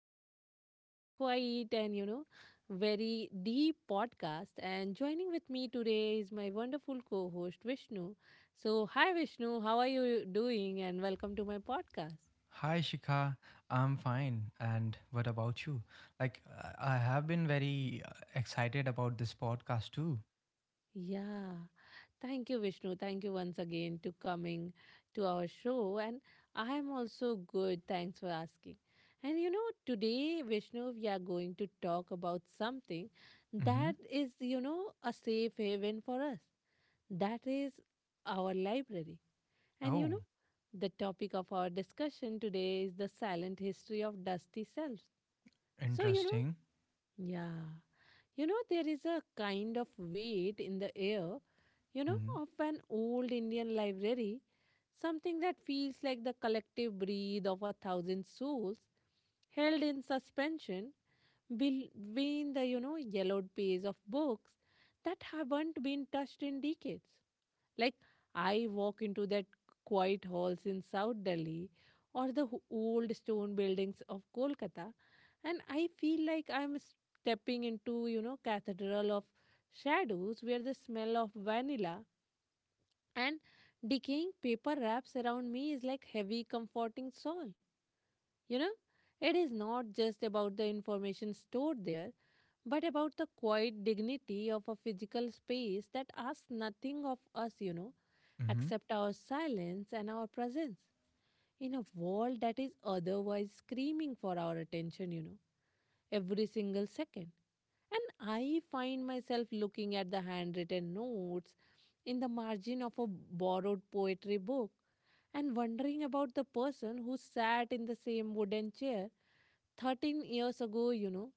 again to this quiet and very deep podcast. And joining with me today is my wonderful co host Vishnu. So, hi Vishnu, how are you doing? And welcome to my podcast. Hi Shikha, I'm fine. And what about you? I have been very excited about this podcast too. Yeah. Thank you, Vishnu. Thank you once again to coming to our show. And I am also good. Thanks for asking. And today, Vishnu, we are going to talk about something Mm-hmm. that is, a safe haven for us. That is our library. And Oh, the topic of our discussion today is the silent history of dusty selves. So, you know, interesting. yeah, there is a kind of weight in the air, Mm-hmm. of an old Indian library, something that feels like the collective breath of a thousand souls held in suspension between the yellowed pages of books that haven't been touched in decades. Like, I walk into that quiet halls in South Delhi or the old stone buildings of Kolkata, and I feel like I'm stepping into cathedral of shadows where the smell of vanilla and decaying paper wraps around me is like heavy comforting soul you know it is not just about the information stored there but about the quiet dignity of a physical space that asks nothing of us, Mm-hmm. except our silence and our presence in a world that is otherwise screaming for our attention, every single second. And I find myself looking at the handwritten notes in the margin of a borrowed poetry book and wondering about the person who sat in the same wooden chair 13 years ago,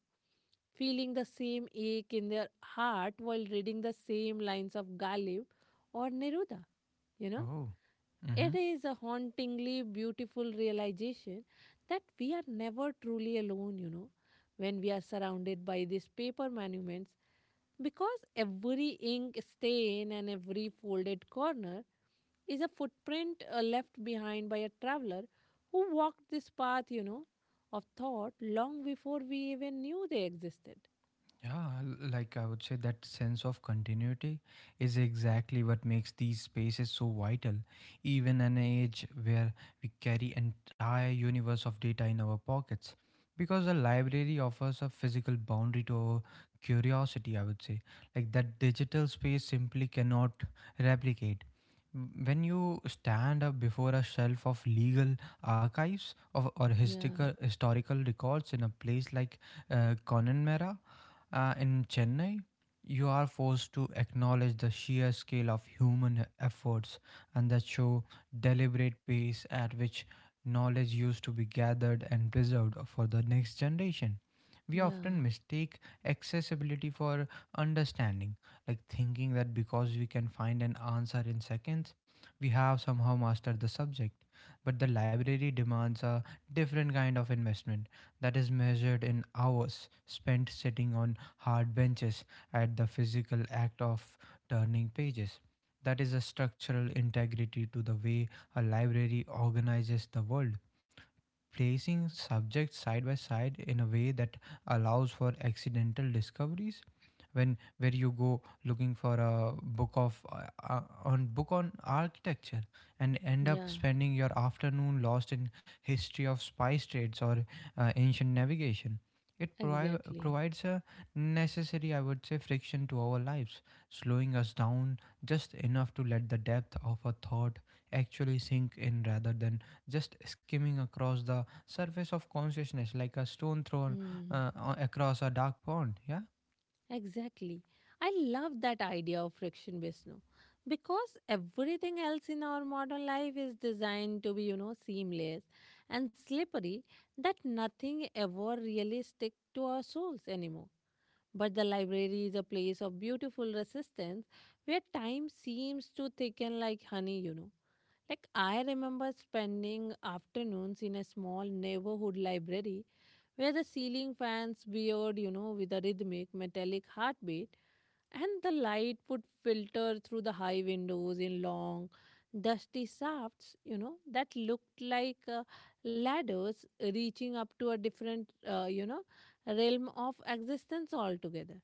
feeling the same ache in their heart while reading the same lines of Ghalib or Neruda you know Oh. Mm-hmm. it is a hauntingly beautiful realization that we are never truly alone when we are surrounded by these paper monuments, because every ink stain and every folded corner is a footprint left behind by a traveler who walked this path of thought long before we even knew they existed. Like I would say, that sense of continuity is exactly what makes these spaces so vital. Even an age where we carry entire universe of data in our pockets, because a library offers a physical boundary to our curiosity. I would say, like that digital space simply cannot replicate. When you stand up before a shelf of legal archives of, or Yeah, historical records in a place like Connemara in Chennai, you are forced to acknowledge the sheer scale of human efforts and that show deliberate pace at which knowledge used to be gathered and preserved for the next generation. We yeah, often mistake accessibility for understanding, like thinking that because we can find an answer in seconds, we have somehow mastered the subject. But the library demands a different kind of investment that is measured in hours spent sitting on hard benches at the physical act of turning pages. That is a structural integrity to the way a library organizes the world, placing subjects side by side in a way that allows for accidental discoveries when where you go looking for a book of on book on architecture and end up yeah, spending your afternoon lost in history of spice trades or ancient navigation. It provi- exactly. provides a necessary, I would say, friction to our lives, slowing us down just enough to let the depth of a thought actually sink in rather than just skimming across the surface of consciousness like a stone thrown across a dark pond. Yeah. Exactly. I love that idea of friction based no, because everything else in our modern life is designed to be, seamless and slippery that nothing ever really stick to our souls anymore. But the library is a place of beautiful resistance where time seems to thicken like honey, you know. Like I remember spending afternoons in a small neighborhood library where the ceiling fans veered, with a rhythmic metallic heartbeat and the light would filter through the high windows in long dusty shafts that looked like ladders reaching up to a different realm of existence altogether.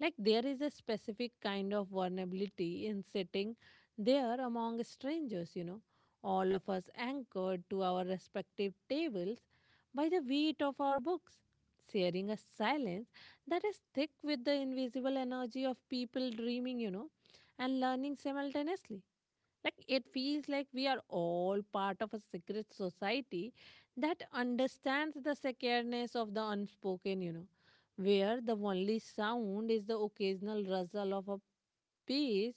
Like there is a specific kind of vulnerability in sitting there among strangers, all of us anchored to our respective tables by the weight of our books, sharing a silence that is thick with the invisible energy of people dreaming, and learning simultaneously. Like it feels like we are all part of a secret society that understands the sacredness of the unspoken, where the only sound is the occasional rustle of a page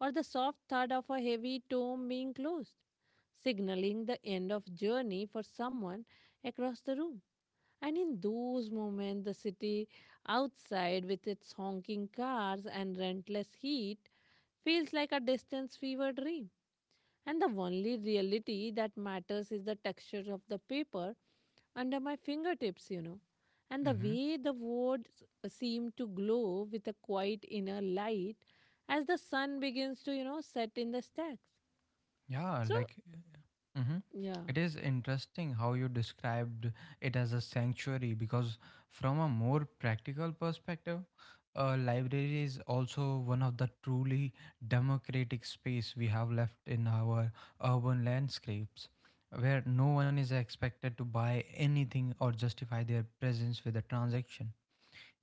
or the soft thud of a heavy tome being closed, signaling the end of journey for someone across the room. And in those moments, the city outside with its honking cars and relentless heat feels like a distant fever dream and the only reality that matters is the texture of the paper under my fingertips, and the Mm-hmm. way the words seem to glow with a quiet inner light as the sun begins to, set in the stacks. Yeah. So, Mm-hmm. yeah, It is interesting how you described it as a sanctuary because, from a more practical perspective, a library is also one of the truly democratic space we have left in our urban landscapes where no one is expected to buy anything or justify their presence with a transaction.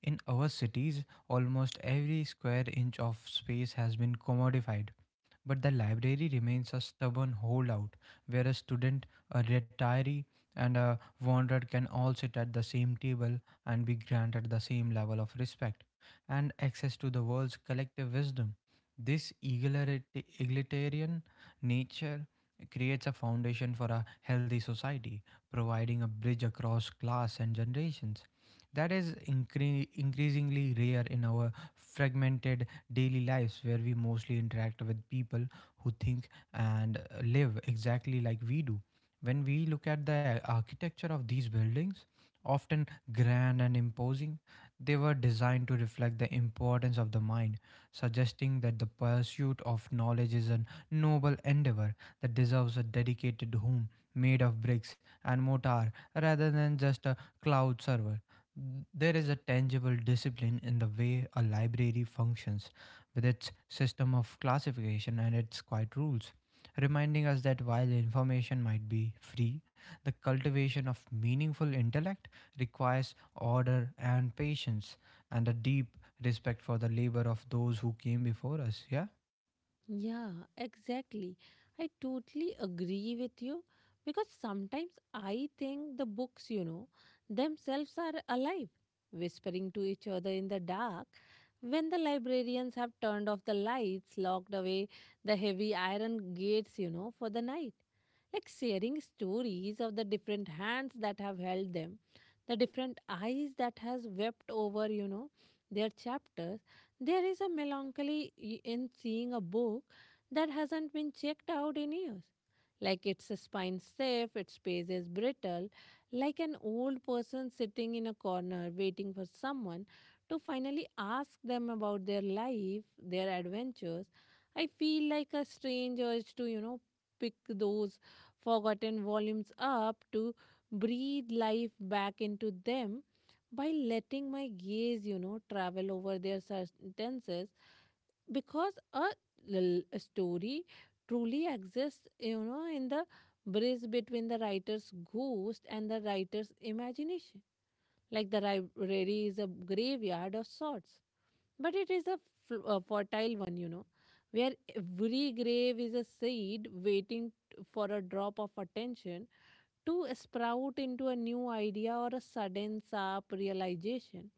In our cities, almost every square inch of space has been commodified, but the library remains a stubborn holdout where a student, a retiree, and a wanderer can all sit at the same table and be granted the same level of respect and access to the world's collective wisdom. This egalitarian nature creates a foundation for a healthy society, providing a bridge across class and generations. That is increasingly rare in our fragmented daily lives where we mostly interact with people who think and live exactly like we do. When we look at the architecture of these buildings, often grand and imposing, they were designed to reflect the importance of the mind, suggesting that the pursuit of knowledge is a noble endeavor that deserves a dedicated home made of bricks and mortar rather than just a cloud server. There is a tangible discipline in the way a library functions, with its system of classification and its quiet rules, reminding us that while information might be free, the cultivation of meaningful intellect requires order and patience and a deep respect for the labor of those who came before us. Yeah? yeah, exactly. I totally agree with you because sometimes I think the books, themselves are alive, whispering to each other in the dark. When the librarians have turned off the lights, locked away the heavy iron gates, for the night, like sharing stories of the different hands that have held them, the different eyes that has wept over, their chapters, there is a melancholy in seeing a book that hasn't been checked out in years. Like its spine stiff, its pace is brittle, like an old person sitting in a corner waiting for someone to finally ask them about their life, their adventures. I feel like a strange urge to, pick those forgotten volumes up to breathe life back into them by letting my gaze, travel over their sentences, because a story truly exists, in the bridge between the writer's ghost and the writer's imagination. Like the library is a graveyard of sorts, but it is a, a fertile one, where every grave is a seed waiting for a drop of attention to sprout into a new idea or a sudden sharp realization.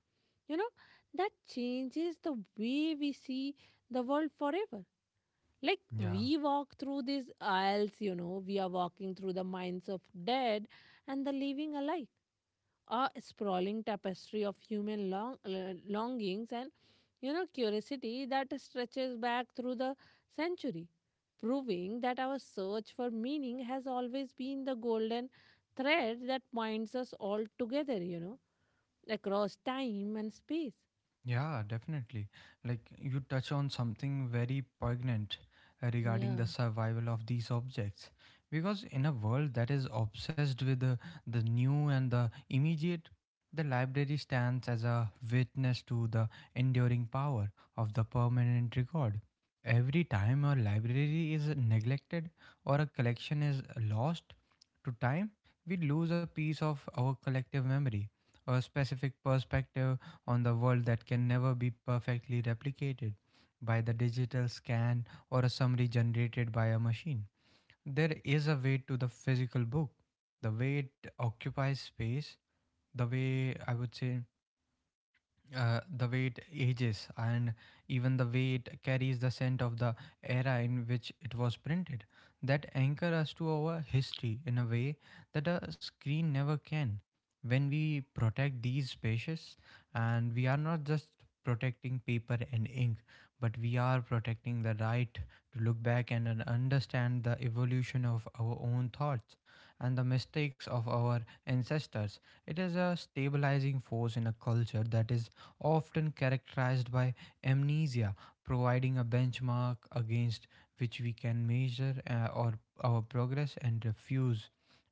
You know, that changes the way we see the world forever. Like Yeah. we walk through these aisles, we are walking through the minds of dead and the living alike, a sprawling tapestry of human longings and curiosity that stretches back through the century, proving that our search for meaning has always been the golden thread that binds us all together, across time and space. Yeah, definitely. Like you touch on something very poignant regarding Yeah, the survival of these objects. Because in a world that is obsessed with the new and the immediate, the library stands as a witness to the enduring power of the permanent record. Every time a library is neglected or a collection is lost to time, we lose a piece of our collective memory, a specific perspective on the world that can never be perfectly replicated by the digital scan or a summary generated by a machine. There is a weight to the physical book, the way it occupies space, the way, I would say, the way it ages and even the way it carries the scent of the era in which it was printed, that anchor us to our history in a way that a screen never can. When we protect these spaces, and we are not just protecting paper and ink, but we are protecting the right to look back and understand the evolution of our own thoughts and the mistakes of our ancestors. It is a stabilizing force in a culture that is often characterized by amnesia, providing a benchmark against which we can measure our progress and refuse,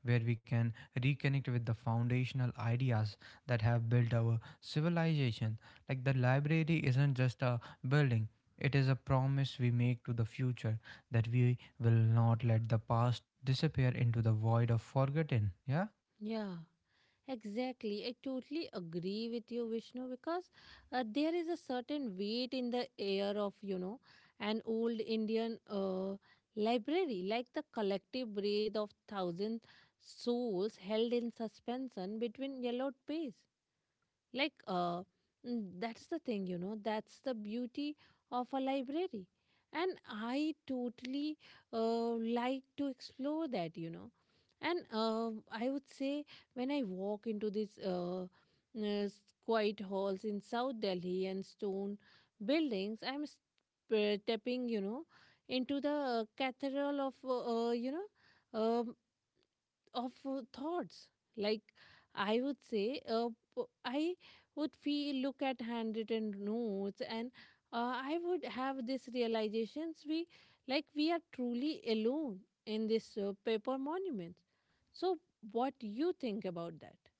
where we can reconnect with the foundational ideas that have built our civilization. Like the library isn't just a building. It is a promise we make to the future that we will not let the past disappear into the void of forgotten. Yeah? yeah. Exactly. I totally agree with you, Vishnu, because there is a certain weight in the air of, an old Indian library, like the collective breath of thousand souls held in suspension between yellowed pages. Like, that's the thing, that's the beauty of a library. And I totally like to explore that, and I would say when I walk into these quiet halls in South Delhi and stone buildings I'm stepping into the cathedral of um, thoughts. Like I would say, I would feel look at handwritten notes and I would have this realizations we like we are truly alone in this paper monuments. So, what do you think about that?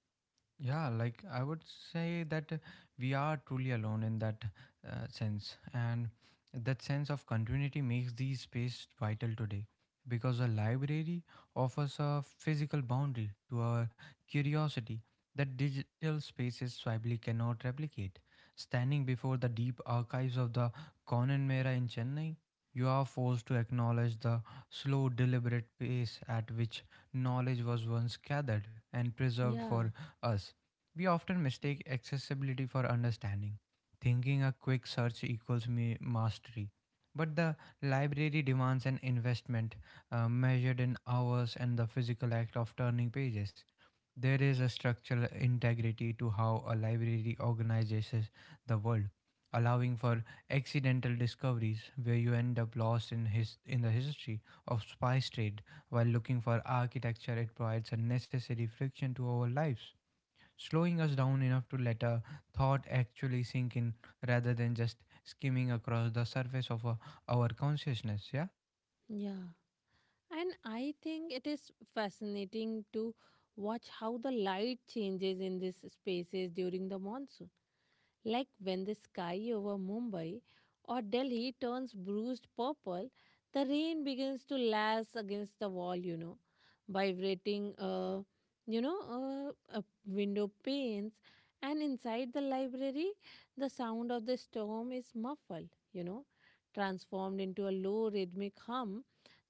Yeah, like I would say that we are truly alone in that sense. And that sense of continuity makes these space vital today, because a library offers a physical boundary to our curiosity that digital spaces swiftly cannot replicate. Standing before the deep archives of the Conan Mera in Chennai, you are forced to acknowledge the slow, deliberate pace at which knowledge was once gathered and preserved Yeah, for us. We often mistake accessibility for understanding, thinking a quick search equals mastery. But the library demands an investment measured in hours and the physical act of turning pages. There is a structural integrity to how a library organizes the world, allowing for accidental discoveries where you end up lost in the history of spice trade while looking for architecture. It provides a necessary friction to our lives, slowing us down enough to let a thought actually sink in rather than just skimming across the surface of our consciousness. Yeah. yeah, and I think it is fascinating to watch how the light changes in these spaces during the monsoon. Like when the sky over Mumbai or Delhi turns bruised purple, the rain begins to lash against the wall, vibrating, window panes. And inside the library, the sound of the storm is muffled, transformed into a low rhythmic hum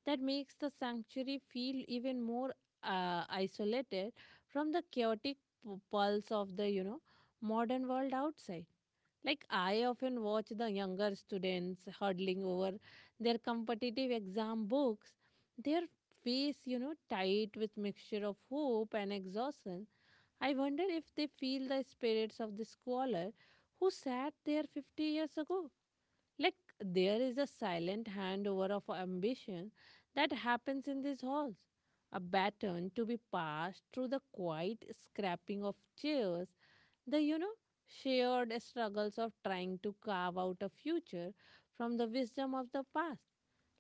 that makes the sanctuary feel even more isolated from the chaotic pulse of the, modern world outside. Like, I often watch the younger students huddling over their competitive exam books, their face, tight with mixture of hope and exhaustion. I wonder if they feel the spirits of the scholar who sat there 50 years ago. Like, there is a silent handover of ambition that happens in these halls, a baton to be passed through the quiet scrapping of chairs the, shared struggles of trying to carve out a future from the wisdom of the past.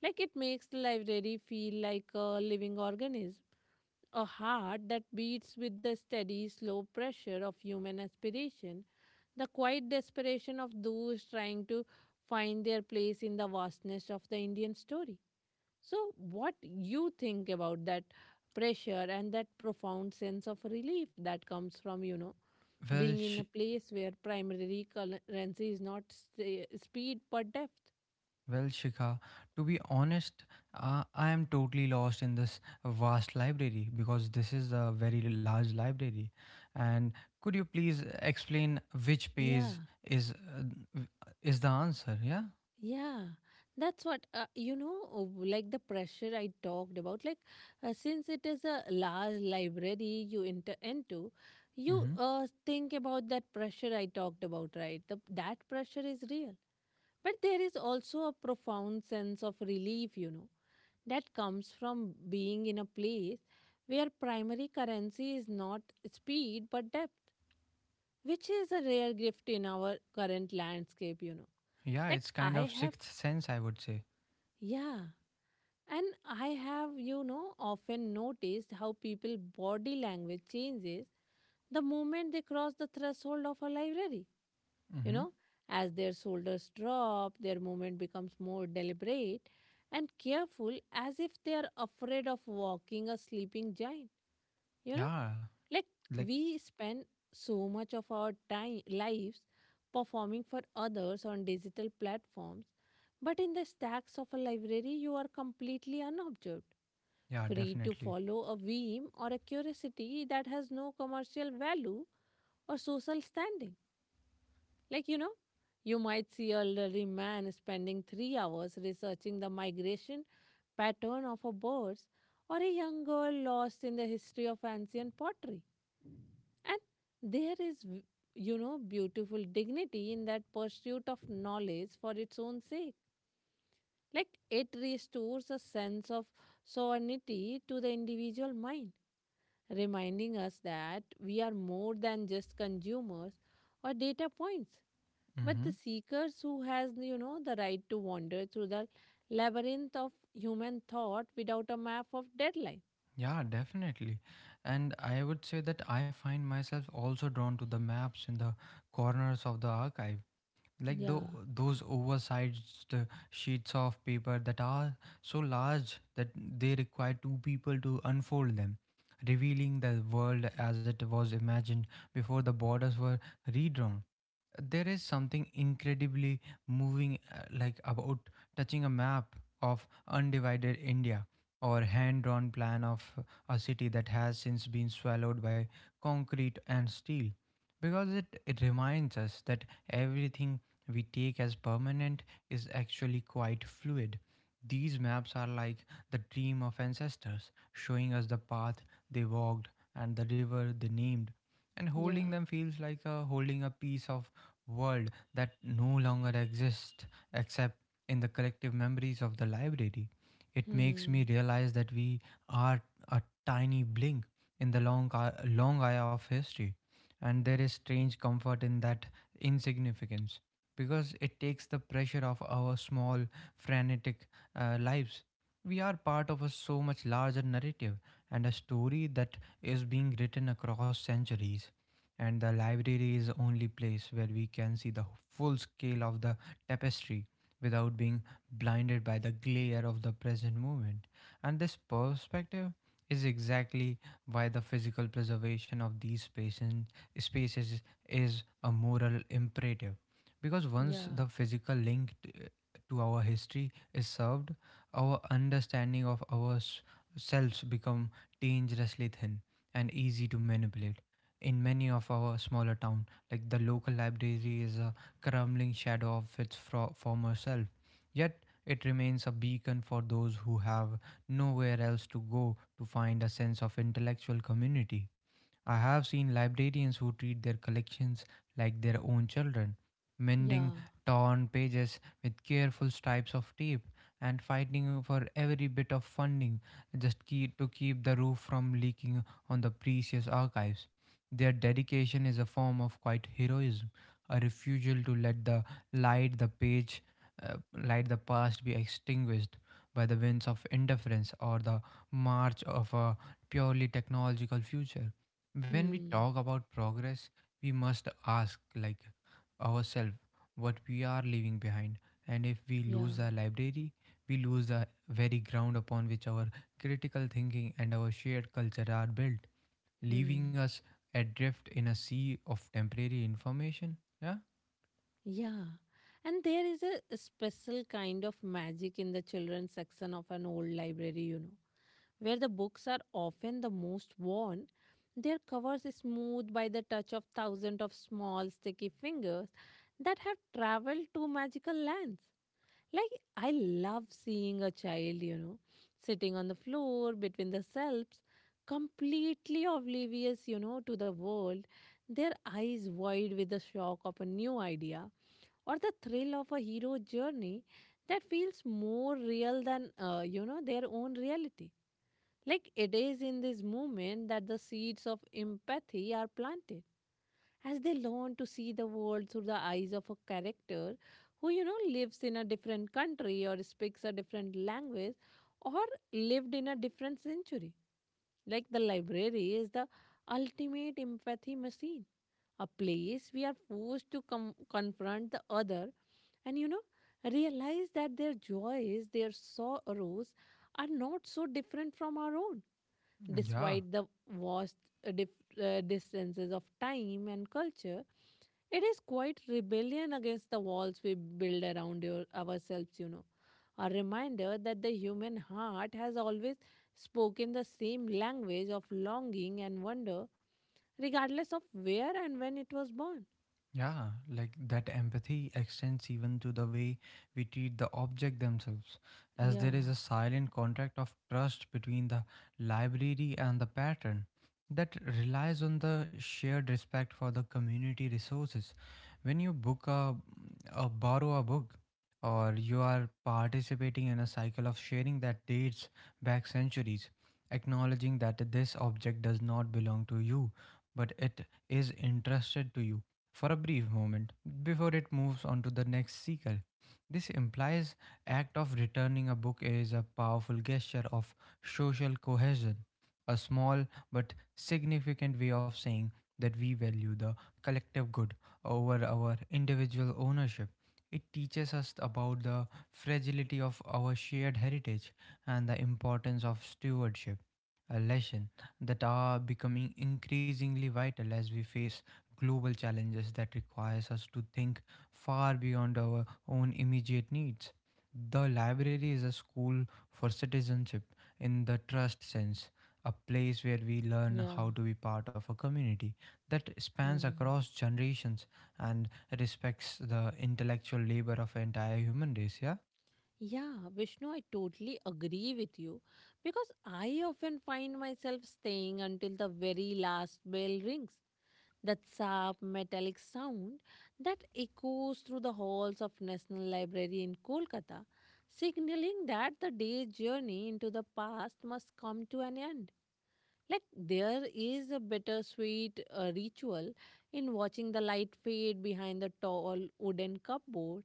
Like it makes the library feel like a living organism, a heart that beats with the steady, slow pressure of human aspiration, the quiet desperation of those trying to find their place in the vastness of the Indian story. So, what you think about that pressure and that profound sense of relief that comes from, well being in sh- a place where primary currency is not speed but depth. well shikha to be honest, I am totally lost in this vast library because this is a very large library, and could you please explain which Yeah, page is w- is the answer? Yeah. yeah. That's what, like the pressure I talked about. Like, since it is a large library you enter into, you Mm-hmm. Think about that pressure I talked about, right? The, that pressure is real. But there is also a profound sense of relief, that comes from being in a place where primary currency is not speed but depth, which is a rare gift in our current landscape, you know. Yeah, Like it's kind I of have, sixth sense, I would say. yeah, and I have, often noticed how people body language changes the moment they cross the threshold of a library. You Mm-hmm. know, as their shoulders drop, their movement becomes more deliberate and careful as if they are afraid of walking a sleeping giant. You know, Yeah. like Like. we spend so much of our time lives performing for others on digital platforms, but in the stacks of a library, you are completely unobserved, Yeah, free to definitely. follow a whim or a curiosity that has no commercial value or social standing. Like, you might see an elderly man spending 3 hours researching the migration pattern of a bird, or a young girl lost in the history of ancient pottery. And there is, beautiful dignity in that pursuit of knowledge for its own sake. Like it restores a sense of sovereignty to the individual mind, reminding us that we are more than just consumers or data points. But Mm-hmm. the seekers who has the right to wander through the labyrinth of human thought without a map of deadline. Yeah, definitely. And I would say that I find myself also drawn to the maps in the corners of the archive. like the, Yeah, those oversized sheets of paper that are so large that they require two people to unfold them, revealing the world as it was imagined before the borders were redrawn. There is something incredibly moving, like, about touching a map of undivided India or hand drawn plan of a city that has since been swallowed by concrete and steel, because it reminds us that everything we take as permanent is actually quite fluid. These maps are like the dream of ancestors, showing us the path they walked and the river they named. And holding yeah. them feels like holding a piece of world that no longer exists except in the collective memories of the library. It makes me Hmm. realize that we are a tiny blink in the long eye of history, and there is strange comfort in that insignificance because it takes the pressure off our small, frantic lives. We are part of a so much larger narrative and a story that is being written across centuries, and the library is the only place where we can see the full scale of the tapestry without being blinded by the glare of the present moment. And this perspective is exactly why the physical preservation of these space is, is a moral imperative, because once Yeah, the physical link to our history is served, our understanding of ourselves become dangerously thin and easy to manipulate. In many of our smaller town, like the local library, is a crumbling shadow of its former self, yet it remains a beacon for those who have nowhere else to go to find a sense of intellectual community. I have seen librarians who treat their collections like their own children, mending yeah. torn pages with careful stripes of tape and fighting for every bit of funding just key to keep the roof from leaking on the precious archives. Their dedication is a form of quiet heroism, a refusal to let the light the page uh, light the past be extinguished by the winds of indifference or the march of a purely technological future. When we Hmm. talk about progress, we must ask, like, ourselves what we are leaving behind. And if we lose Yeah. the library, we lose the very ground upon which our critical thinking and our shared culture are built, leaving Hmm. us adrift in a sea of temporary information. Yeah. Yeah. And there is a special kind of magic in the children's section of an old library, where the books are often the most worn. Their covers is smoothed by the touch of thousands of small sticky fingers that have traveled to magical lands. Like, I love seeing a child, sitting on the floor between the selves, completely oblivious, to the world, their eyes wide with the shock of a new idea or the thrill of a hero journey that feels more real than their own reality. Like it is in this moment that the seeds of empathy are planted as they learn to see the world through the eyes of a character who, lives in a different country or speaks a different language or lived in a different century. Like the library is the ultimate empathy machine, a place we are forced to confront the other and, realize that their joys, their sorrows are not so different from our own, Yeah. despite the vast uh, dif- distances of time and culture. It is quite rebellion against the walls we build around ourselves. A reminder that the human heart has always spoken the same language of longing and wonder, regardless of where and when it was born. Yeah, like that empathy extends even to the way we treat the object themselves, as there Yeah, is a silent contract of trust between the library and the patron that relies on the shared respect for the community resources. When you book a borrow a book, or you are participating in a cycle of sharing that dates back centuries, acknowledging that this object does not belong to you, but it is entrusted to you for a brief moment before it moves on to the next seeker. This implies act of returning a book is a powerful gesture of social cohesion, a small but significant way of saying that we value the collective good over our individual ownership. It teaches us about the fragility of our shared heritage and the importance of stewardship, a lesson that are becoming increasingly vital as we face global challenges that requires us to think far beyond our own immediate needs. The library is a school for citizenship in the trust sense, a place where we learn yeah. how to be part of a community that spans Hmm. across generations and respects the intellectual labor of entire human race. Yeah, Yeah, Vishnu, I totally agree with you, because I often find myself staying until the very last bell rings. That sharp metallic sound that echoes through the halls of National Library in Kolkata, signaling that the day's journey into the past must come to an end. Like there is a bittersweet ritual in watching the light fade behind the tall wooden cupboard.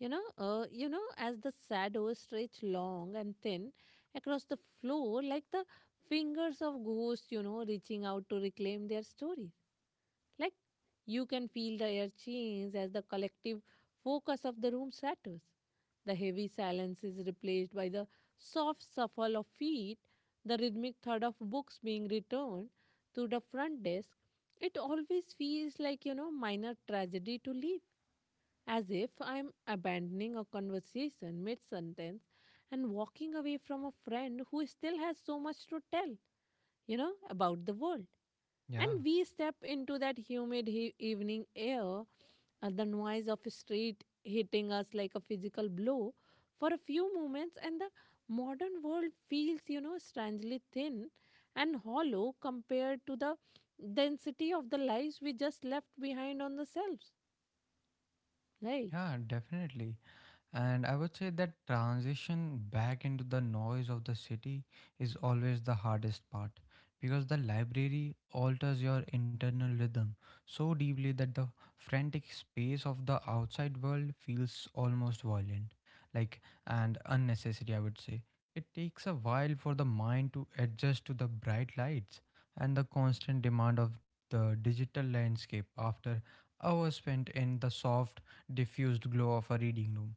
As the shadows stretch long and thin across the floor, like the fingers of ghosts, reaching out to reclaim their stories. Like you can feel the air change as the collective focus of the room shatters. The heavy silence is replaced by the soft shuffle of feet, the rhythmic thud of books being returned to the front desk. It always feels like minor tragedy to leave, as if I'm abandoning a conversation mid sentence and walking away from a friend who still has so much to tell, about the world. yeah, And we step into that humid evening air, the noise of street hitting us like a physical blow for a few moments, and the modern world feels, strangely thin and hollow compared to the density of the lives we just left behind on the selves, right? yeah, definitely. And I would say that transition back into the noise of the city is always the hardest part because the library alters your internal rhythm so deeply that the frantic space of the outside world feels almost violent, like and unnecessary, I would say. It takes a while for the mind to adjust to the bright lights and the constant demand of the digital landscape after hours spent in the soft, diffused glow of a reading room.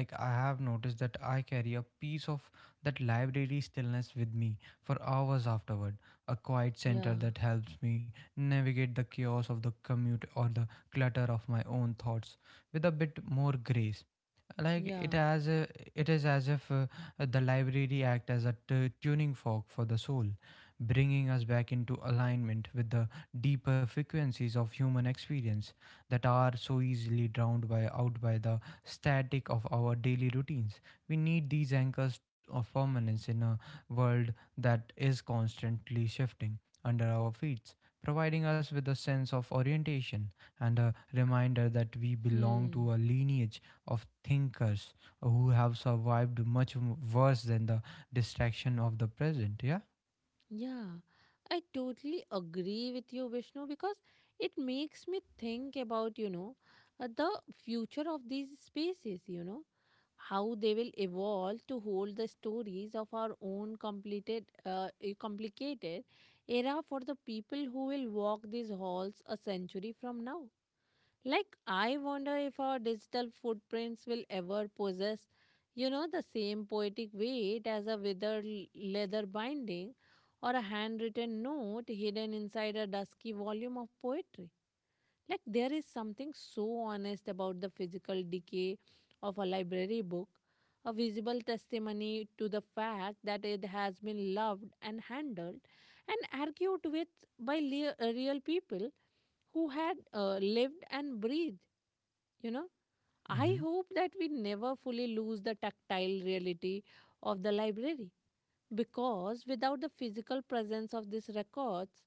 Like I have noticed that I carry a piece of that library stillness with me for hours afterward, a quiet center Yeah. that helps me navigate the chaos of the commute or the clutter of my own thoughts with a bit more grace. like it Yeah. as a, it is as if the library act as a tuning fork for the soul, bringing us back into alignment with the deeper frequencies of human experience that are so easily drowned by out by the static of our daily routines. We need these anchors of permanence in a world that is constantly shifting under our feet, providing us with a sense of orientation and a reminder that we belong Hmm. to a lineage of thinkers who have survived much worse than the distraction of the present. Yeah. Yeah, I totally agree with you, Vishnu, because it makes me think about the future of these spaces, how they will evolve to hold the stories of our own complicated era for the people who will walk these halls a century from now. Like, I wonder if our digital footprints will ever possess, the same poetic weight as a withered leather binding or a handwritten note hidden inside a dusky volume of poetry. Like, there is something so honest about the physical decay of a library book, a visible testimony to the fact that it has been loved and handled and argued with by real people who had lived and breathed you know I Hmm. hope that we never fully lose the tactile reality of the library, because without the physical presence of these records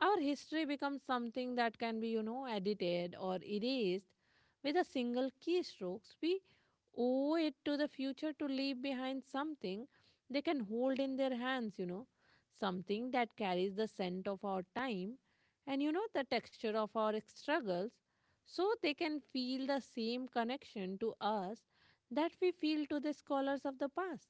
our history becomes something that can be, edited or erased with a single keystroke. We owe it to the future to leave behind something they can hold in their hands, something that carries the scent of our time and, the texture of our struggles, so they can feel the same connection to us that we feel to the scholars of the past.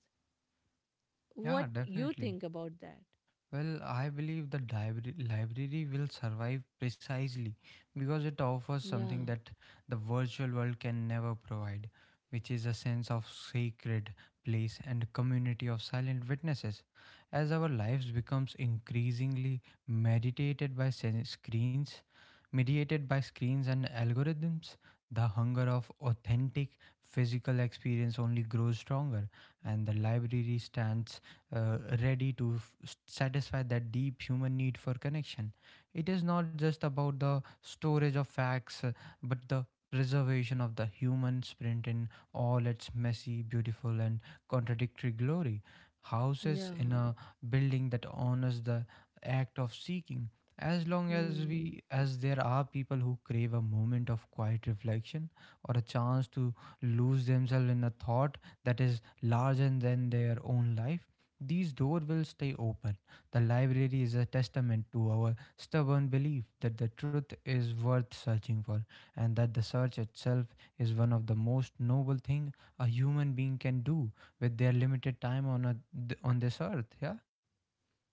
Yeah, What you definitely. think about that? Well, I believe the library will survive precisely because it offers Yeah, something that the virtual world can never provide, which is a sense of sacred place and community of silent witnesses. As our lives becomes increasingly screens, mediated by screens and algorithms, the hunger of authentic physical experience only grows stronger, and the library stands ready to satisfy that deep human need for connection. It is not just about the storage of facts, but the preservation of the human sprint in all its messy, beautiful, and contradictory glory. Houses yeah. in a building that honors the act of seeking. As long as Hmm. we, as there are people who crave a moment of quiet reflection or a chance to lose themselves in a thought that is larger than their own life, these doors will stay open. The library is a testament to our stubborn belief that the truth is worth searching for, and that the search itself is one of the most noble thing a human being can do with their limited time on this earth. Yeah.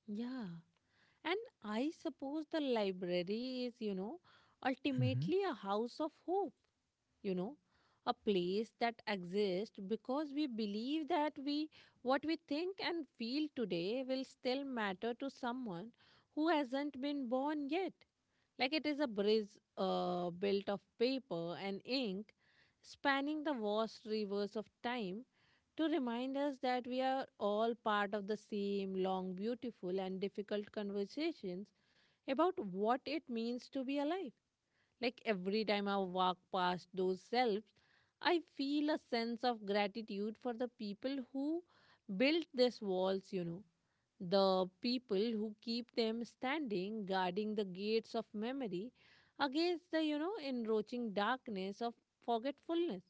Yeah. And I suppose the library is, Mm-hmm. ultimately a house of hope, you know, a place that exists because we believe that we what we think and feel today will still matter to someone who hasn't been born yet. Like it is a bridge built of paper and ink, spanning the vast rivers of time to remind us that we are all part of the same long, beautiful, and difficult conversations about what it means to be alive. Like every time I walk past those selves, I feel a sense of gratitude for the people who built these walls, the people who keep them standing, guarding the gates of memory against the, encroaching darkness of forgetfulness.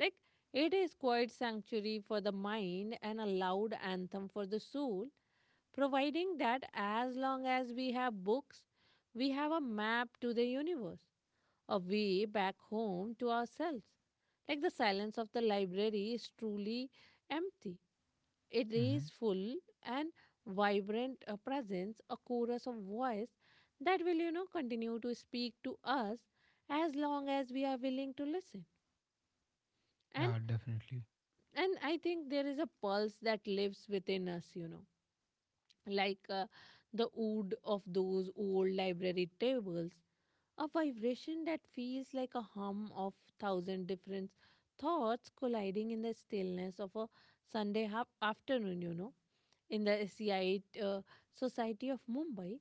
Like it is quiet sanctuary for the mind and a loud anthem for the soul, providing that as long as we have books, we have a map to the universe, a way back home to ourselves. Like the silence of the library is truly empty. It Mm-hmm. is full and vibrant a presence, a chorus of voice that will, continue to speak to us as long as we are willing to listen. And Yeah, definitely. and I think there is a pulse that lives within us, like the wood of those old library tables, a vibration that feels like a hum of thousand different thoughts colliding in the stillness of a afternoon, in the SEI society of Mumbai.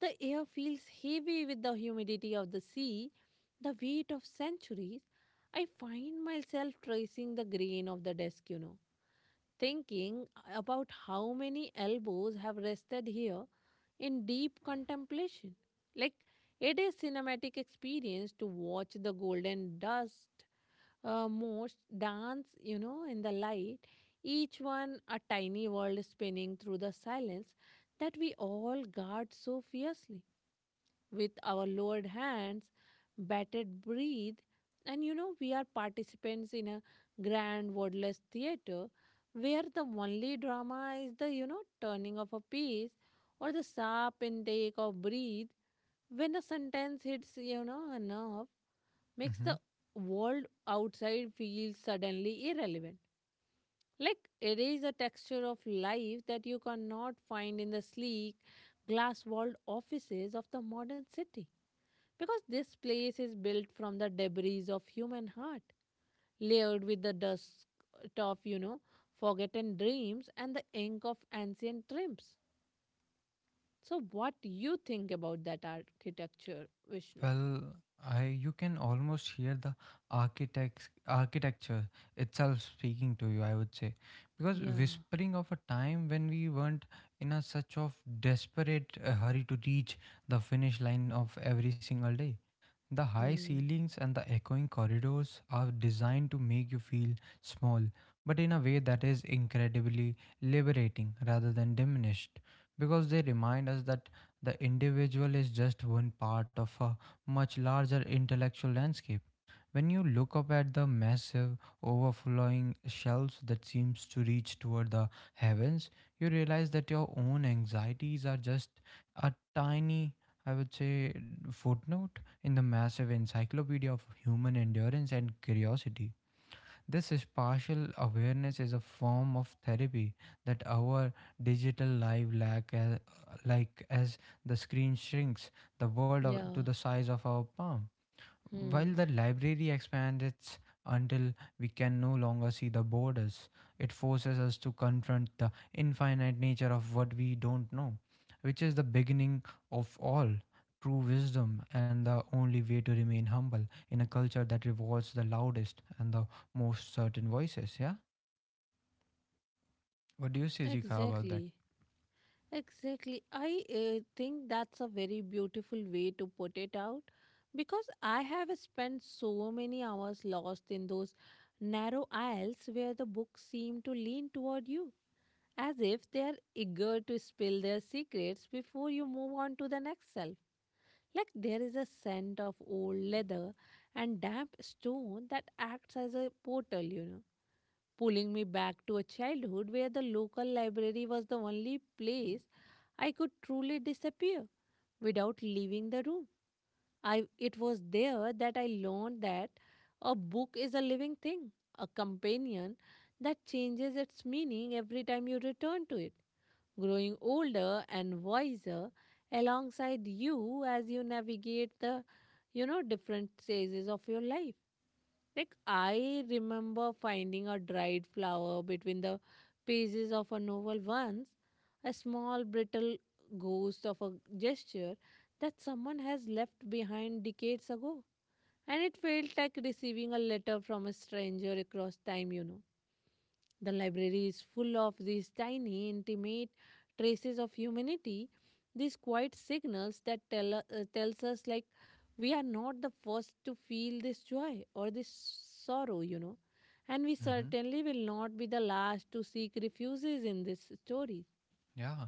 The air feels heavy with the humidity of the sea, the weight of centuries. I find myself tracing the grain of the desk, thinking about how many elbows have rested here in deep contemplation. Like it is cinematic experience to watch the golden dust most dance, in the light, each one a tiny world spinning through the silence that we all guard so fiercely with our lowered hands, bated breath, and we are participants in a grand wordless theater where the only drama is the, turning of a piece or the sharp intake of breath when a sentence hits, a nerve, makes Mm-hmm. the world outside feel suddenly irrelevant. Like it is a texture of life that you cannot find in the sleek, glass walled offices of the modern city, because this place is built from the debris of human heart, layered with the dust of, forgotten dreams and the ink of ancient triumphs. So, what you think about that architecture, Vishnu? Well, I you can almost hear the architects architecture itself speaking to you, I would say. Because Yeah. whispering of a time when we weren't in a such of desperate hurry to reach the finish line of every single day. The high Hmm. ceilings and the echoing corridors are designed to make you feel small, but in a way that is incredibly liberating rather than diminished, because they remind us that the individual is just one part of a much larger intellectual landscape. When you look up at the massive, overflowing shelves that seems to reach toward the heavens, you realize that your own anxieties are just a tiny, I would say, footnote in the massive encyclopedia of human endurance and curiosity. This is partial awareness is a form of therapy that our digital life lack as, like as the screen shrinks to Yeah. the size of our palm. While Hmm. the library expands until we can no longer see the borders, it forces us to confront the infinite nature of what we don't know, which is the beginning of all true wisdom and the only way to remain humble in a culture that rewards the loudest and the most certain voices. Yeah? What do you say, Zika, about that? Exactly. Exactly. I think that's a very beautiful way to put it out, because I have spent so many hours lost in those narrow aisles where the books seem to lean toward you, as if they are eager to spill their secrets before you move on to the next shelf. Like there is a scent of old leather and damp stone that acts as a portal, pulling me back to a childhood where the local library was the only place I could truly disappear without leaving the room. It was there that I learned that a book is a living thing, a companion that changes its meaning every time you return to it, growing older and wiser alongside you as you navigate the different stages of your life. Like I remember finding a dried flower between the pages of a novel once, a small brittle ghost of a gesture that someone has left behind decades ago, and it felt like receiving a letter from a stranger across time. The library is full of these tiny, intimate traces of humanity, these quiet signals that tells us like we are not the first to feel this joy or this sorrow, and we certainly will not be the last to seek refuges in this story. Yeah,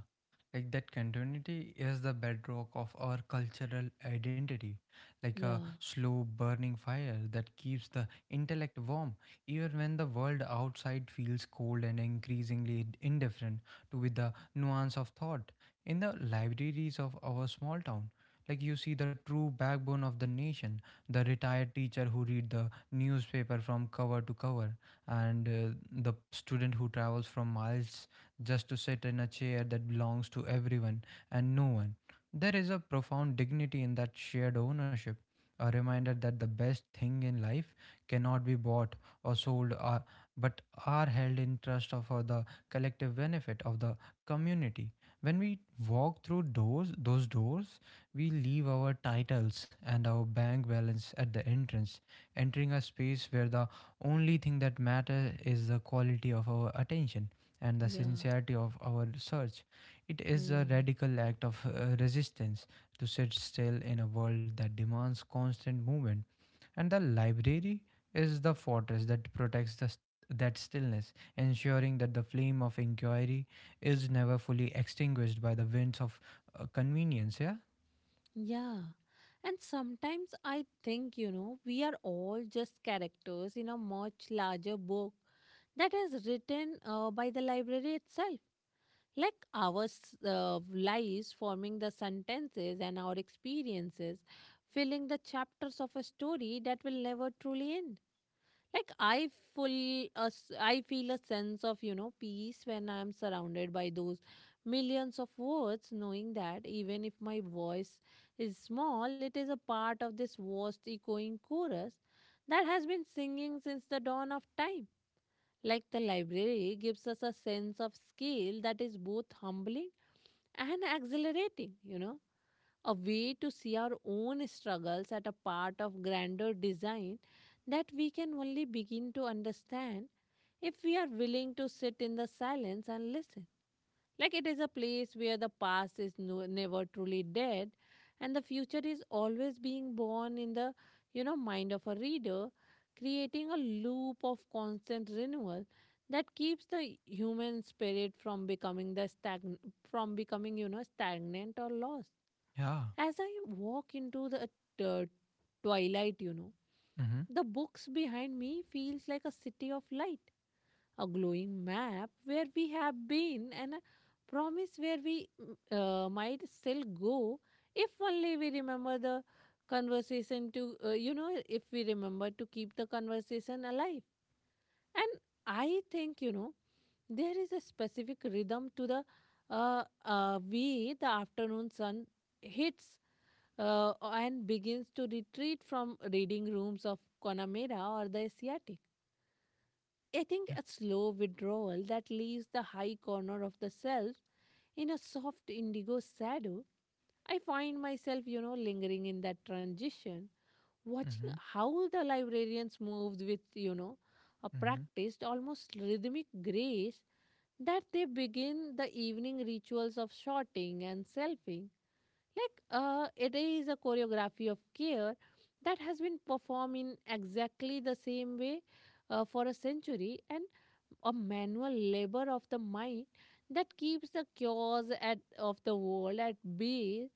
like that continuity is the bedrock of our cultural identity, like a Yeah, slow burning fire that keeps the intellect warm, even when the world outside feels cold and increasingly indifferent to with the nuance of thought. In the libraries of our small town, like you see the true backbone of the nation, the retired teacher who read the newspaper from cover to cover, and the student who travels from miles just to sit in a chair that belongs to everyone and no one. There is a profound dignity in that shared ownership, a reminder that the best thing in life cannot be bought or sold, but are held in trust for the collective benefit of the community. When we walk through those doors, we leave our titles and our bank balance at the entrance, entering a space where the only thing that matters is the quality of our attention and the yeah. sincerity of our search. It is a Hmm. radical act of resistance to sit still in a world that demands constant movement, and the library is the fortress that protects that stillness, ensuring that the flame of inquiry is never fully extinguished by the winds of convenience. Yeah. Yeah. And sometimes I think, we are all just characters in a much larger book that is written by the library itself. Like our lives forming the sentences and our experiences filling the chapters of a story that will never truly end. Like I feel a sense of peace when I am surrounded by those millions of words, knowing that even if my voice is small, it is a part of this vast echoing chorus that has been singing since the dawn of time. Like the library gives us a sense of scale that is both humbling and exhilarating, a way to see our own struggles as a part of grander design that we can only begin to understand if we are willing to sit in the silence and listen. Like it is a place where the past is no, never truly dead and the future is always being born in the mind of a reader, creating a loop of constant renewal that keeps the human spirit from becoming from becoming, stagnant or lost Yeah. as I walk into the uh, twilight, Mm-hmm. the books behind me feels like a city of light, a glowing map where we have been and a promise where we might still go if only we remember the conversation to you know if we remember to keep the conversation alive. And I think, there is a specific rhythm to the way the afternoon sun hits and begins to retreat from reading rooms of Connemara or the Asiatic. I think Yeah. a slow withdrawal that leaves the high corner of the self in a soft indigo shadow. I find myself, lingering in that transition, Mm-hmm. watching how the librarians moved with, a Mm-hmm. practiced, almost rhythmic grace, that they begin the evening rituals of sorting and selfing. Like it is a choreography of care that has been performed in exactly the same way for a century, and a manual labor of the mind that keeps the chaos of the world at bay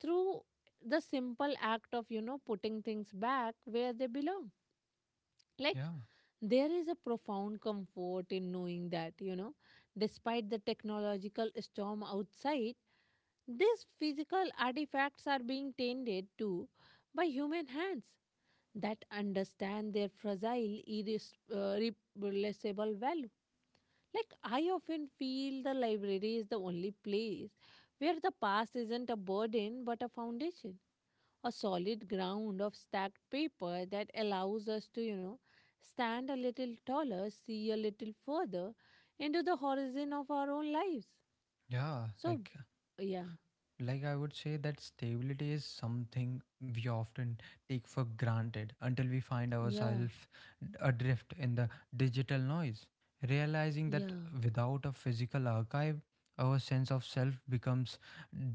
through the simple act of, putting things back where they belong. Like Yeah. there is a profound comfort in knowing that, despite the technological storm outside, these physical artifacts are being tended to by human hands that understand their fragile, irreplaceable value. Like, I often feel the library is the only place where the past isn't a burden but a foundation, a solid ground of stacked paper that allows us to, stand a little taller, see a little further into the horizon of our own lives. Yeah. So, Like yeah, Like I would say that stability is something we often take for granted until we find yeah, ourselves adrift in the digital noise, realizing that yeah, without a physical archive, our sense of self becomes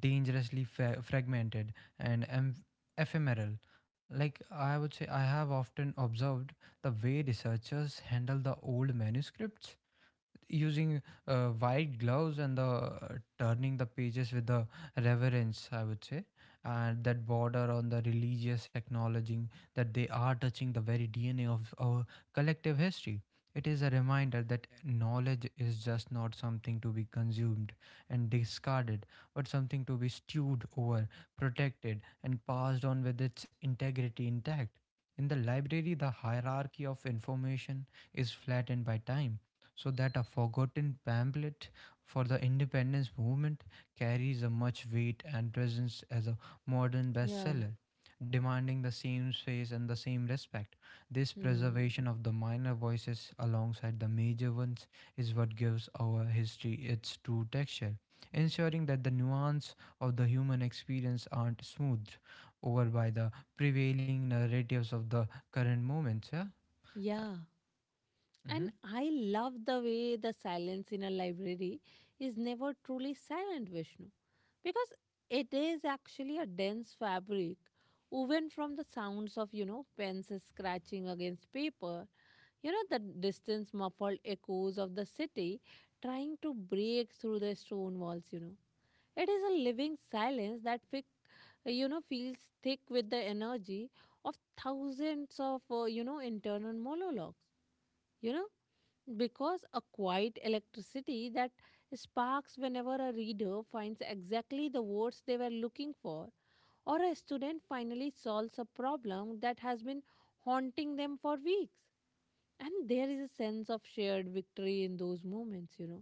dangerously fragmented and ephemeral. Like I would say, I have often observed the way researchers handle the old manuscripts using white gloves and the turning the pages with the reverence I would say, and that border on the religious, acknowledging that they are touching the very DNA of our collective history. It is a reminder that knowledge is just not something to be consumed and discarded, but something to be stewed over, protected, and passed on with its integrity intact. In the library, the hierarchy of information is flattened by time, so that a forgotten pamphlet for the independence movement carries a much weight and presence as a modern yeah. bestseller, demanding the same space and the same respect. This Hmm. preservation of the minor voices alongside the major ones is what gives our history its true texture, ensuring that the nuance of the human experience aren't smoothed over by the prevailing narratives of the current moments. Yeah. Uh, Yeah. mm-hmm. And I love the way the silence in a library is never truly silent, Vishnu, because it is actually a dense fabric woven from the sounds of, pens scratching against paper. You know, the distance muffled echoes of the city trying to break through the stone walls, you know. It is a living silence feels thick with the energy of thousands of, internal monologues, you know, because a quiet electricity that sparks whenever a reader finds exactly the words they were looking for, or a student finally solves a problem that has been haunting them for weeks. And there is a sense of shared victory in those moments,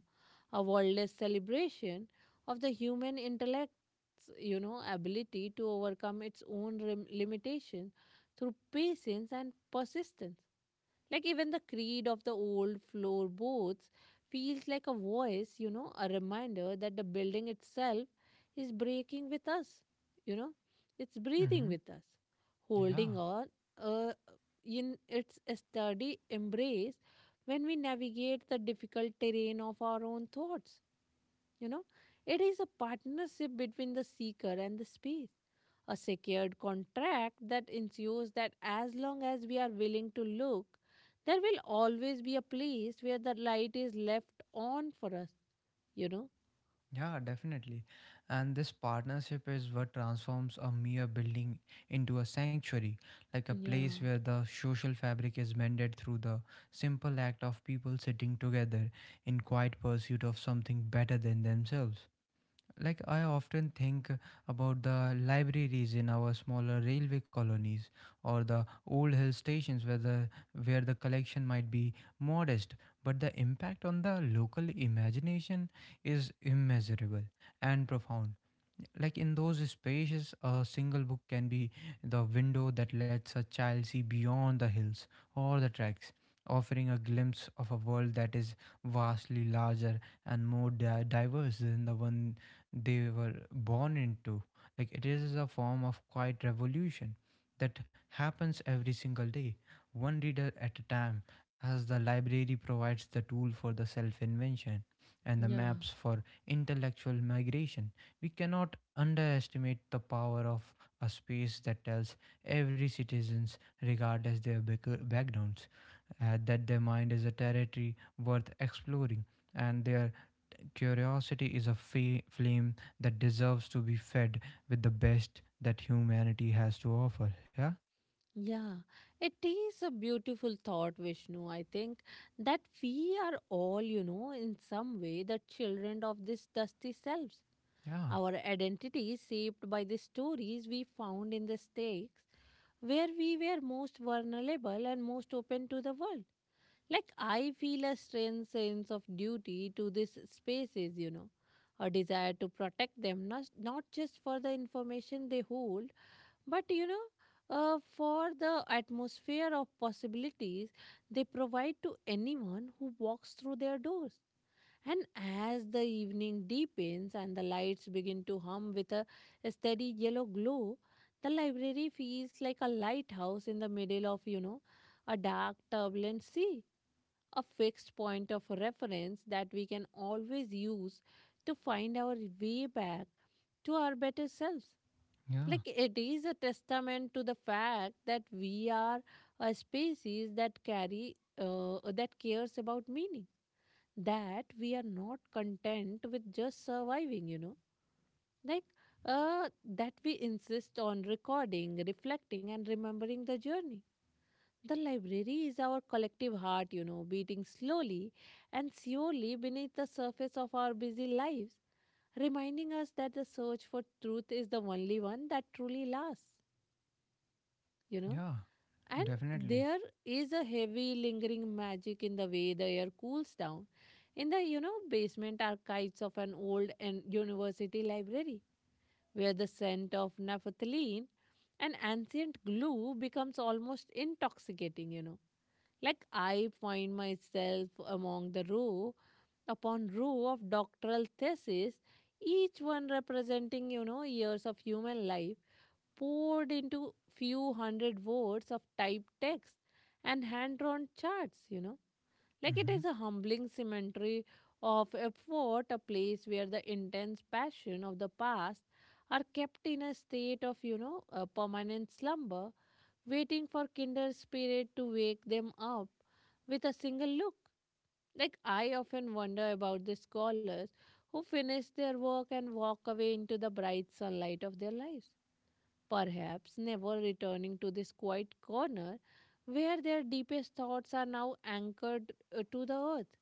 a worldless celebration of the human intellect's ability to overcome its own limitations through patience and persistence. Like even the creed of the old floorboards feels like a voice, a reminder that the building itself is breaking with us, you know, it's breathing Mm-hmm. with us, Yeah. holding on, uh, in its sturdy embrace when we navigate the difficult terrain of our own thoughts. You know, it is a partnership between the seeker and the space, a secured contract that ensures that as long as we are willing to look, there will always be a place where the light is left on for us, you know. Yeah, definitely. And this partnership is what transforms a mere building into a sanctuary, like a place Yeah, where the social fabric is mended through the simple act of people sitting together in quiet pursuit of something better than themselves. Like, I often think about the libraries in our smaller railway colonies or the old hill stations where the collection might be modest, but the impact on the local imagination is immeasurable and profound. Like in those spaces, a single book can be the window that lets a child see beyond the hills or the tracks, offering a glimpse of a world that is vastly larger and more diverse than the one they were born into. Like it is a form of quiet revolution that happens every single day, one reader at a time, as the library provides the tool for the self invention and the yeah. maps for intellectual migration. We cannot underestimate the power of a space that tells every citizens regardless their backgrounds, that their mind is a territory worth exploring and their curiosity is a flame that deserves to be fed with the best that humanity has to offer. Yeah. Yeah, it is a beautiful thought, Vishnu. I think that we are all, in some way the children of this dusty selves. Yeah. Our identity is shaped by the stories we found in the stakes where we were most vulnerable and most open to the world. Like, I feel a strange sense of duty to these spaces, a desire to protect them, not just for the information they hold, but for the atmosphere of possibilities they provide to anyone who walks through their doors. And as the evening deepens and the lights begin to hum with a steady yellow glow, the library feels like a lighthouse in the middle of, a dark, turbulent sea, a fixed point of reference that we can always use to find our way back to our better selves. Yeah. Like it is a testament to the fact that we are a species that carry that cares about meaning, that we are not content with just surviving, like uh, that we insist on recording, reflecting, and remembering the journey. The library is our collective heart, beating slowly and surely beneath the surface of our busy lives, reminding us that the search for truth is the only one that truly lasts, you know. Yeah, And definitely. there is a heavy, lingering magic in the way the air cools down in the, basement archives of an old and university library, where the scent of naphthalene an ancient glue becomes almost intoxicating. Like I find myself among the row upon row of doctoral theses, each one representing, years of human life poured into few hundred words of typed text and hand-drawn charts. Like it Hmm. is a humbling cemetery of effort, a place where the intense passion of the past are kept in a state of, a permanent slumber, waiting for kinder spirit to wake them up with a single look. Like, I often wonder about the scholars who finish their work and walk away into the bright sunlight of their lives, perhaps never returning to this quiet corner where their deepest thoughts are now anchored to the earth.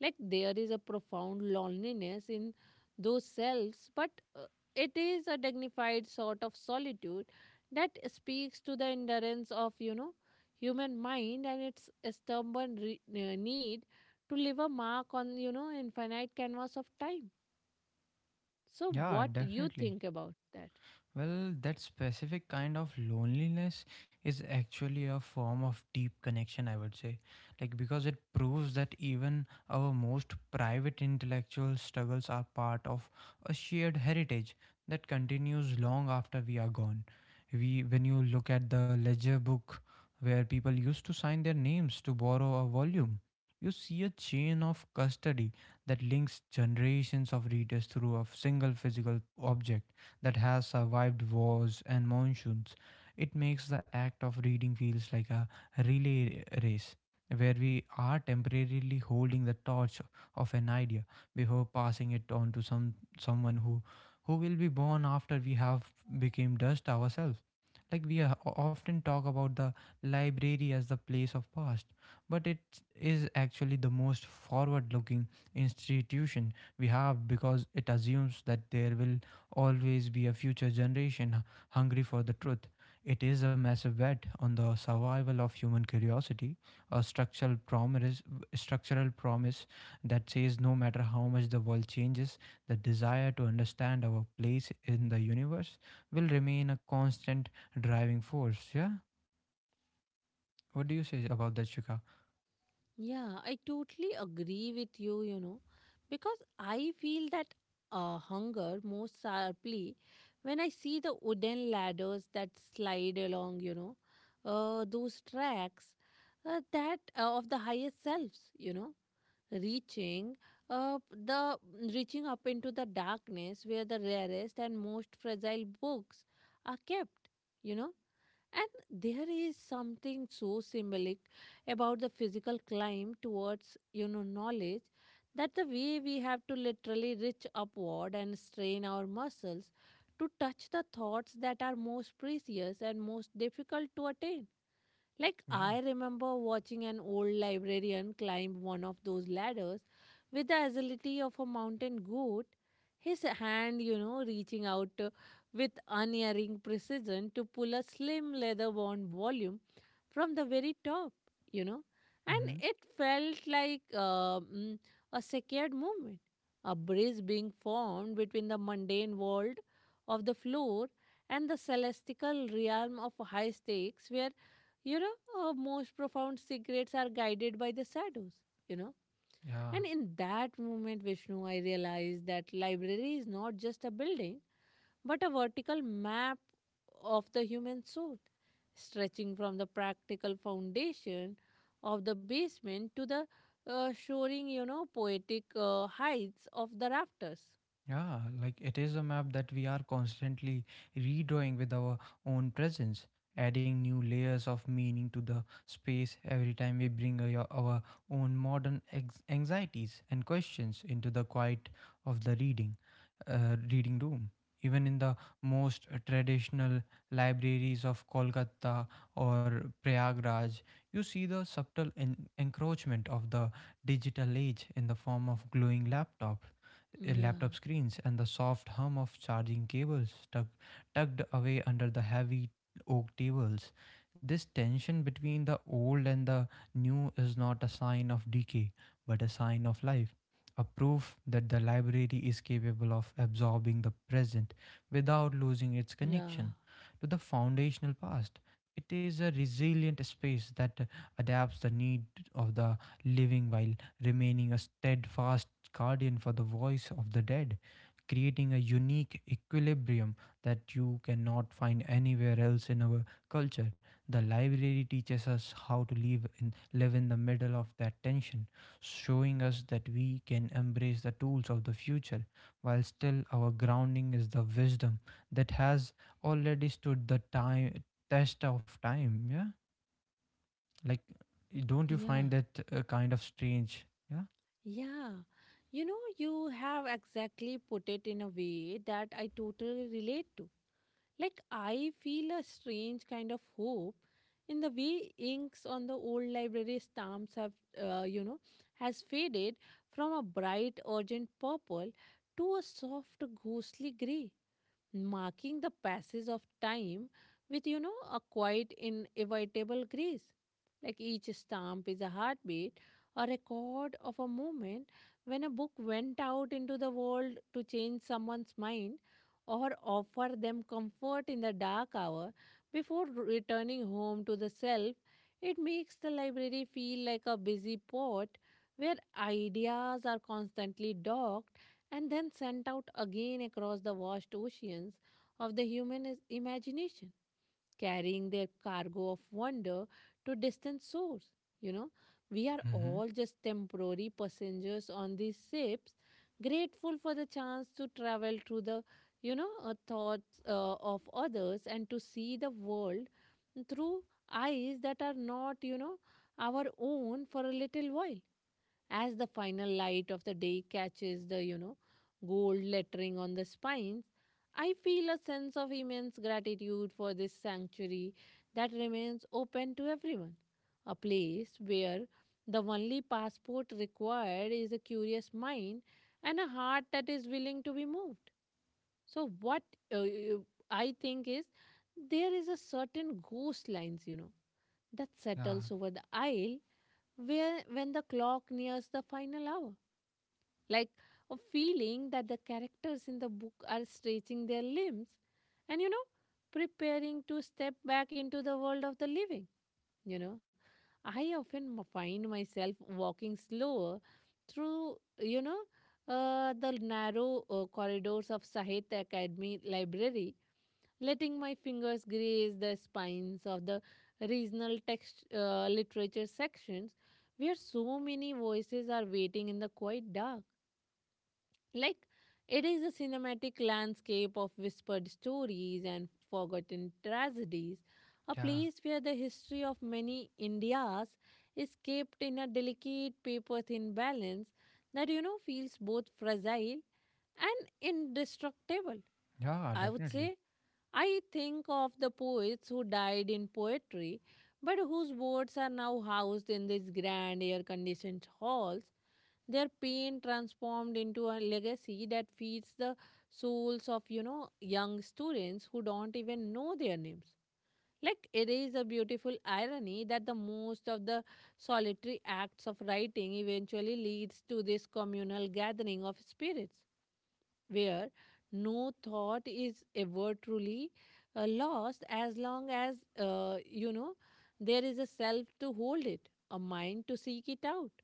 Like there is a profound loneliness in those selves, but it is a dignified sort of solitude that speaks to the endurance of, human mind and its stubborn need to leave a mark on, infinite canvas of time. So Yeah, what you definitely. think about that? Well, that specific kind of loneliness is actually a form of deep connection, I would say. Like, because it proves that even our most private intellectual struggles are part of a shared heritage that continues long after we are gone. We, when you look at the ledger book where people used to sign their names to borrow a volume, you see a chain of custody that links generations of readers through a single physical object that has survived wars and monsoons. It makes the act of reading feels like a relay race where we are temporarily holding the torch of an idea before passing it on to someone who will be born after we have become dust ourselves. We often talk about the library as the place of past, but it is actually the most forward looking institution we have because it assumes that there will always be a future generation hungry for the truth. It is a massive bet on the survival of human curiosity, a structural promise that says no matter how much the world changes, the desire to understand our place in the universe will remain a constant driving force. Yeah, what do you say about that, Shika? Yeah, I totally agree with you, because I feel that hunger most sharply when I see the wooden ladders that slide along, those tracks that of the highest selves, reaching the reaching up into the darkness where the rarest and most fragile books are kept, you know. And there is something so symbolic about the physical climb towards, knowledge, that the way we have to literally reach upward and strain our muscles to touch the thoughts that are most precious and most difficult to attain. Like, Yeah. I remember watching an old librarian climb one of those ladders with the agility of a mountain goat, his hand, reaching out with unerring precision to pull a slim leather bound volume from the very top, you know. And Hmm. it felt like a sacred movement, a bridge being formed between the mundane world of the floor and the celestial realm of high stakes where, you know, most profound secrets are guided by the shadows, you know. Yeah. And in that moment, Vishnu, I realized that library is not just a building, but a vertical map of the human soul, stretching from the practical foundation of the basement to the soaring, poetic heights of the rafters. Yeah, like it is a map that we are constantly redrawing with our own presence, adding new layers of meaning to the space every time we bring our own modern anxieties and questions into the quiet of the reading, reading room. Even in the most traditional libraries of Kolkata or Prayagraj, you see the subtle encroachment of the digital age in the form of glowing Yeah, laptop screens and the soft hum of charging cables tucked away under the heavy oak tables. This tension between the old and the new is not a sign of decay, but a sign of life. A proof that the library is capable of absorbing the present without losing its yeah, connection to the foundational past. It is a resilient space that adapts the need of the living while remaining a steadfast guardian for the voice of the dead, creating a unique equilibrium that you cannot find anywhere else in our culture. The library teaches us how to live in the middle of that tension, showing us that we can embrace the tools of the future while still our grounding is the wisdom that has already stood the time test of time, yeah? Like, don't you yeah. find that kind of strange? Yeah. Yeah, you know, you have exactly put it in a way that I totally relate to. Like, I feel a strange kind of hope in the way inks on the old library stamps have, uh, you know, has faded from a bright, urgent purple to a soft, ghostly gray, marking the passage of time with, a quite inevitable grace. Like each stamp is a heartbeat, or a record of a moment when a book went out into the world to change someone's mind or offer them comfort in the dark hour before returning home to the self. It makes the library feel like a busy port where ideas are constantly docked and then sent out again across the vast oceans of the human imagination, carrying their cargo of wonder to distant shores. You know, we are Mhm. all just temporary passengers on these ships, grateful for the chance to travel through the thoughts of others and to see the world through eyes that are not, our own for a little while as the final light of the day catches the gold lettering on the spines. I feel a sense of immense gratitude for this sanctuary that remains open to everyone, a place where the only passport required is a curious mind and a heart that is willing to be moved. So what uh, uh, i think is there is a certain ghost lines, that Yeah, settles over the aisle, where when the clock nears the final hour, like a feeling that the characters in the book are stretching their limbs and, preparing to step back into the world of the living. You know, I often find myself walking slower through, the narrow corridors of Sahitya Academy library, letting my fingers graze the spines of the regional text literature sections, where so many voices are waiting in the quiet dark. Like, it is a cinematic landscape of whispered stories and forgotten tragedies, a yeah. place where the history of many Indias is kept in a delicate paper thin balance that, feels both fragile and indestructible, Yeah, I would definitely. say. I think of the poets who died in poetry, but whose words are now housed in these grand air conditioned halls, their pain transformed into a legacy that feeds the souls of, young students who don't even know their names. Like, it is a beautiful irony that the most of the solitary acts of writing eventually leads to this communal gathering of spirits where no thought is ever truly lost as long as, there is a self to hold it, a mind to seek it out.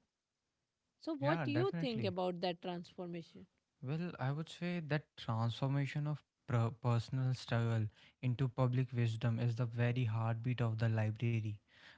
So what Yeah, do you think definitely. about that transformation? Well, I would say that transformation of personal struggle into public wisdom is the very heartbeat of the library.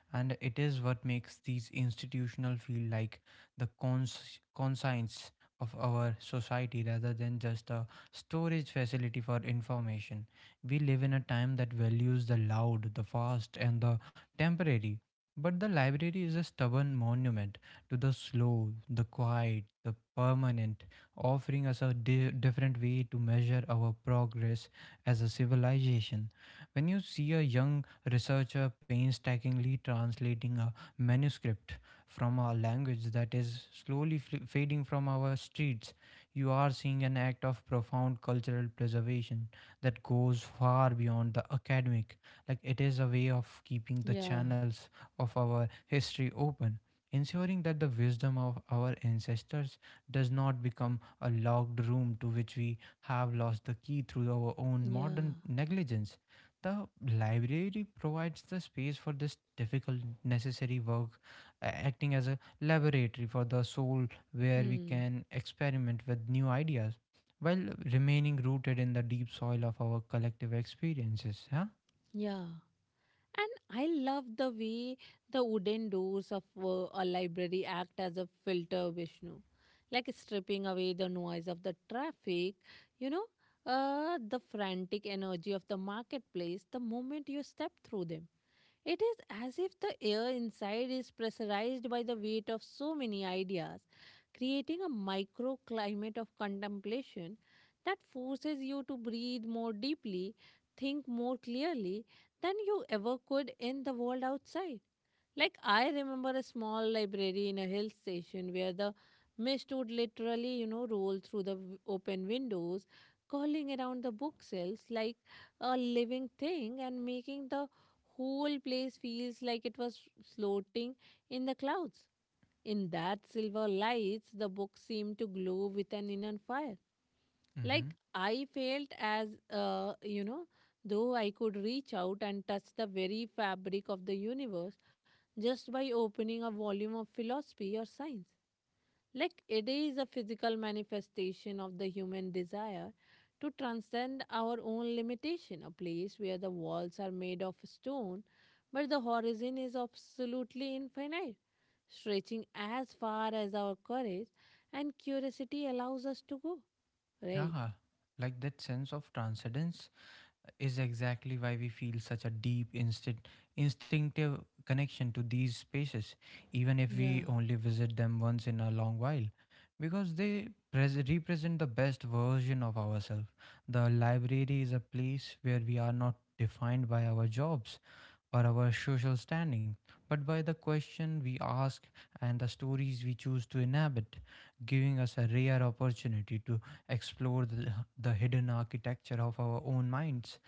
And it is what makes these institutional feel like the conscience of our society rather than just a storage facility for information. We live in a time that values the loud, the fast, and the temporary. But the library is a stubborn monument to the slow, the quiet, the permanent, offering us a different way to measure our progress as a civilization. When you see a young researcher painstakingly translating a manuscript from a language that is slowly fading from our streets, you are seeing an act of profound cultural preservation that goes far beyond the academic. Like, it is a way of keeping the Yeah. channels of our history open, ensuring that the wisdom of our ancestors does not become a locked room to which we have lost the key through our own modern Yeah. negligence. The library provides the space for this difficult, necessary work, acting as a laboratory for the soul where we Hmm. can experiment with new ideas while remaining rooted in the deep soil of our collective experiences. Yeah? Yeah. And I love the way the wooden doors of a library act as a filter, Vishnu, like stripping away the noise of the traffic, you know, the frantic energy of the marketplace the moment you step through them. It is as if the air inside is pressurized by the weight of so many ideas, creating a microclimate of contemplation that forces you to breathe more deeply, think more clearly than you ever could in the world outside. Like, I remember a small library in a hill station where the mist would literally, roll through the open windows, curling around the bookshelves like a living thing and making the whole place feels like it was floating in the clouds. In that silver lights, the books seemed to glow with an inner fire, Mm-hmm. like I felt as, though I could reach out and touch the very fabric of the universe just by opening a volume of philosophy or science. Like it is a physical manifestation of the human desire to transcend our own limitation, a place where the walls are made of stone, but the horizon is absolutely infinite, stretching as far as our courage and curiosity allows us to go. Right. Yeah. Like that sense of transcendence is exactly why we feel such a deep instinctive connection to these spaces, even if we Yeah. only visit them once in a long while, because they represent the best version of ourselves. The library is a place where we are not defined by our jobs or our social standing, but by the question we ask and the stories we choose to inhabit, giving us a rare opportunity to explore the hidden architecture of our own minds.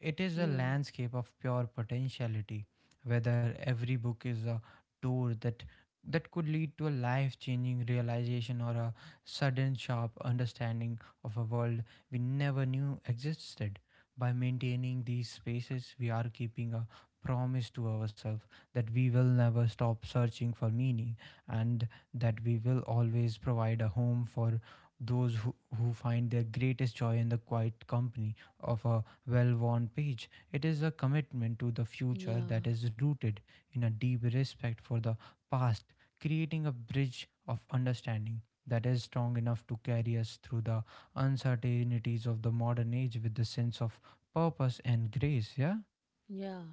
It is a Yeah, landscape of pure potentiality. Whether every book is a door that could lead to a life-changing realization or a sudden sharp understanding of a world we never knew existed. By maintaining these spaces, we are keeping a promise to ourselves that we will never stop searching for meaning and that we will always provide a home for who find their greatest joy in the quiet company of a well worn page. It is a commitment to the future that yeah, is rooted in a deep respect for the past, creating a bridge of understanding that is strong enough to carry us through the uncertainties of the modern age with the sense of purpose and grace. Yeah. yeah.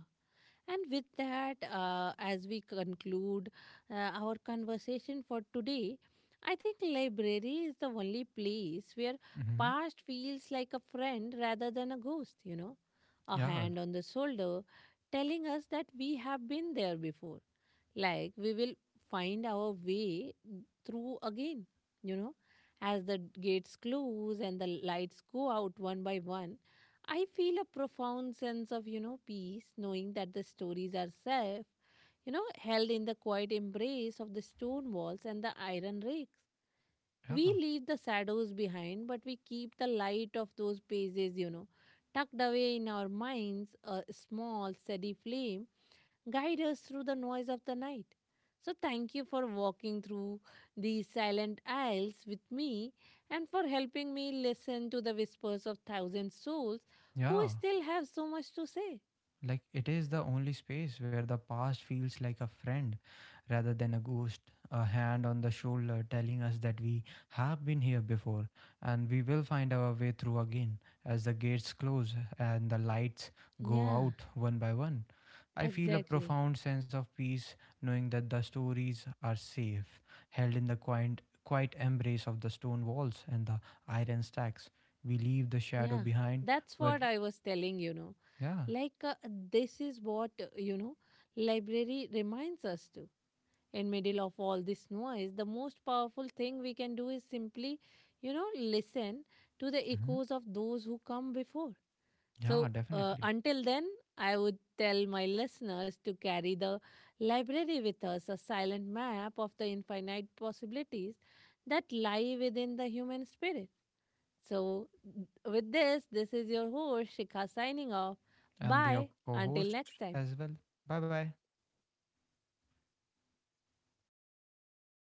And with that, as we conclude our conversation for today, I think library is the only place where Hmm. past feels like a friend rather than a ghost, a Yeah. hand on the shoulder telling us that we have been there before. Like we will find our way through again, you know, as the gates close and the lights go out one by one. I feel a profound sense of, peace, knowing that the stories are safe, held in the quiet embrace of the stone walls and the iron rakes. We Yeah. leave the shadows behind, but we keep the light of those pages, tucked away in our minds, a small, steady flame guide us through the noise of the night. So, thank you for walking through these silent aisles with me and for helping me listen to the whispers of thousand souls who Yeah. still have so much to say. Like it is the only space where the past feels like a friend rather than a ghost, a hand on the shoulder telling us that we have been here before and we will find our way through again as the gates close and the lights go Yeah, out one by one. I feel a exactly. profound sense of peace knowing that the stories are safe, held in the quiet embrace of the stone walls and the iron stacks. We leave the shadow Yeah, behind, that's but what I was telling, you know. yeah, Like, this is what, library reminds us to. In middle of all this noise, the most powerful thing we can do is simply, listen to the mhm, echoes of those who come before. So yeah, definitely. until then, I would tell my listeners to carry the library with us, a silent map of the infinite possibilities that lie within the human spirit. So with this is your host Shikha signing off. And your Bye. co Until host next time. as well. Bye bye.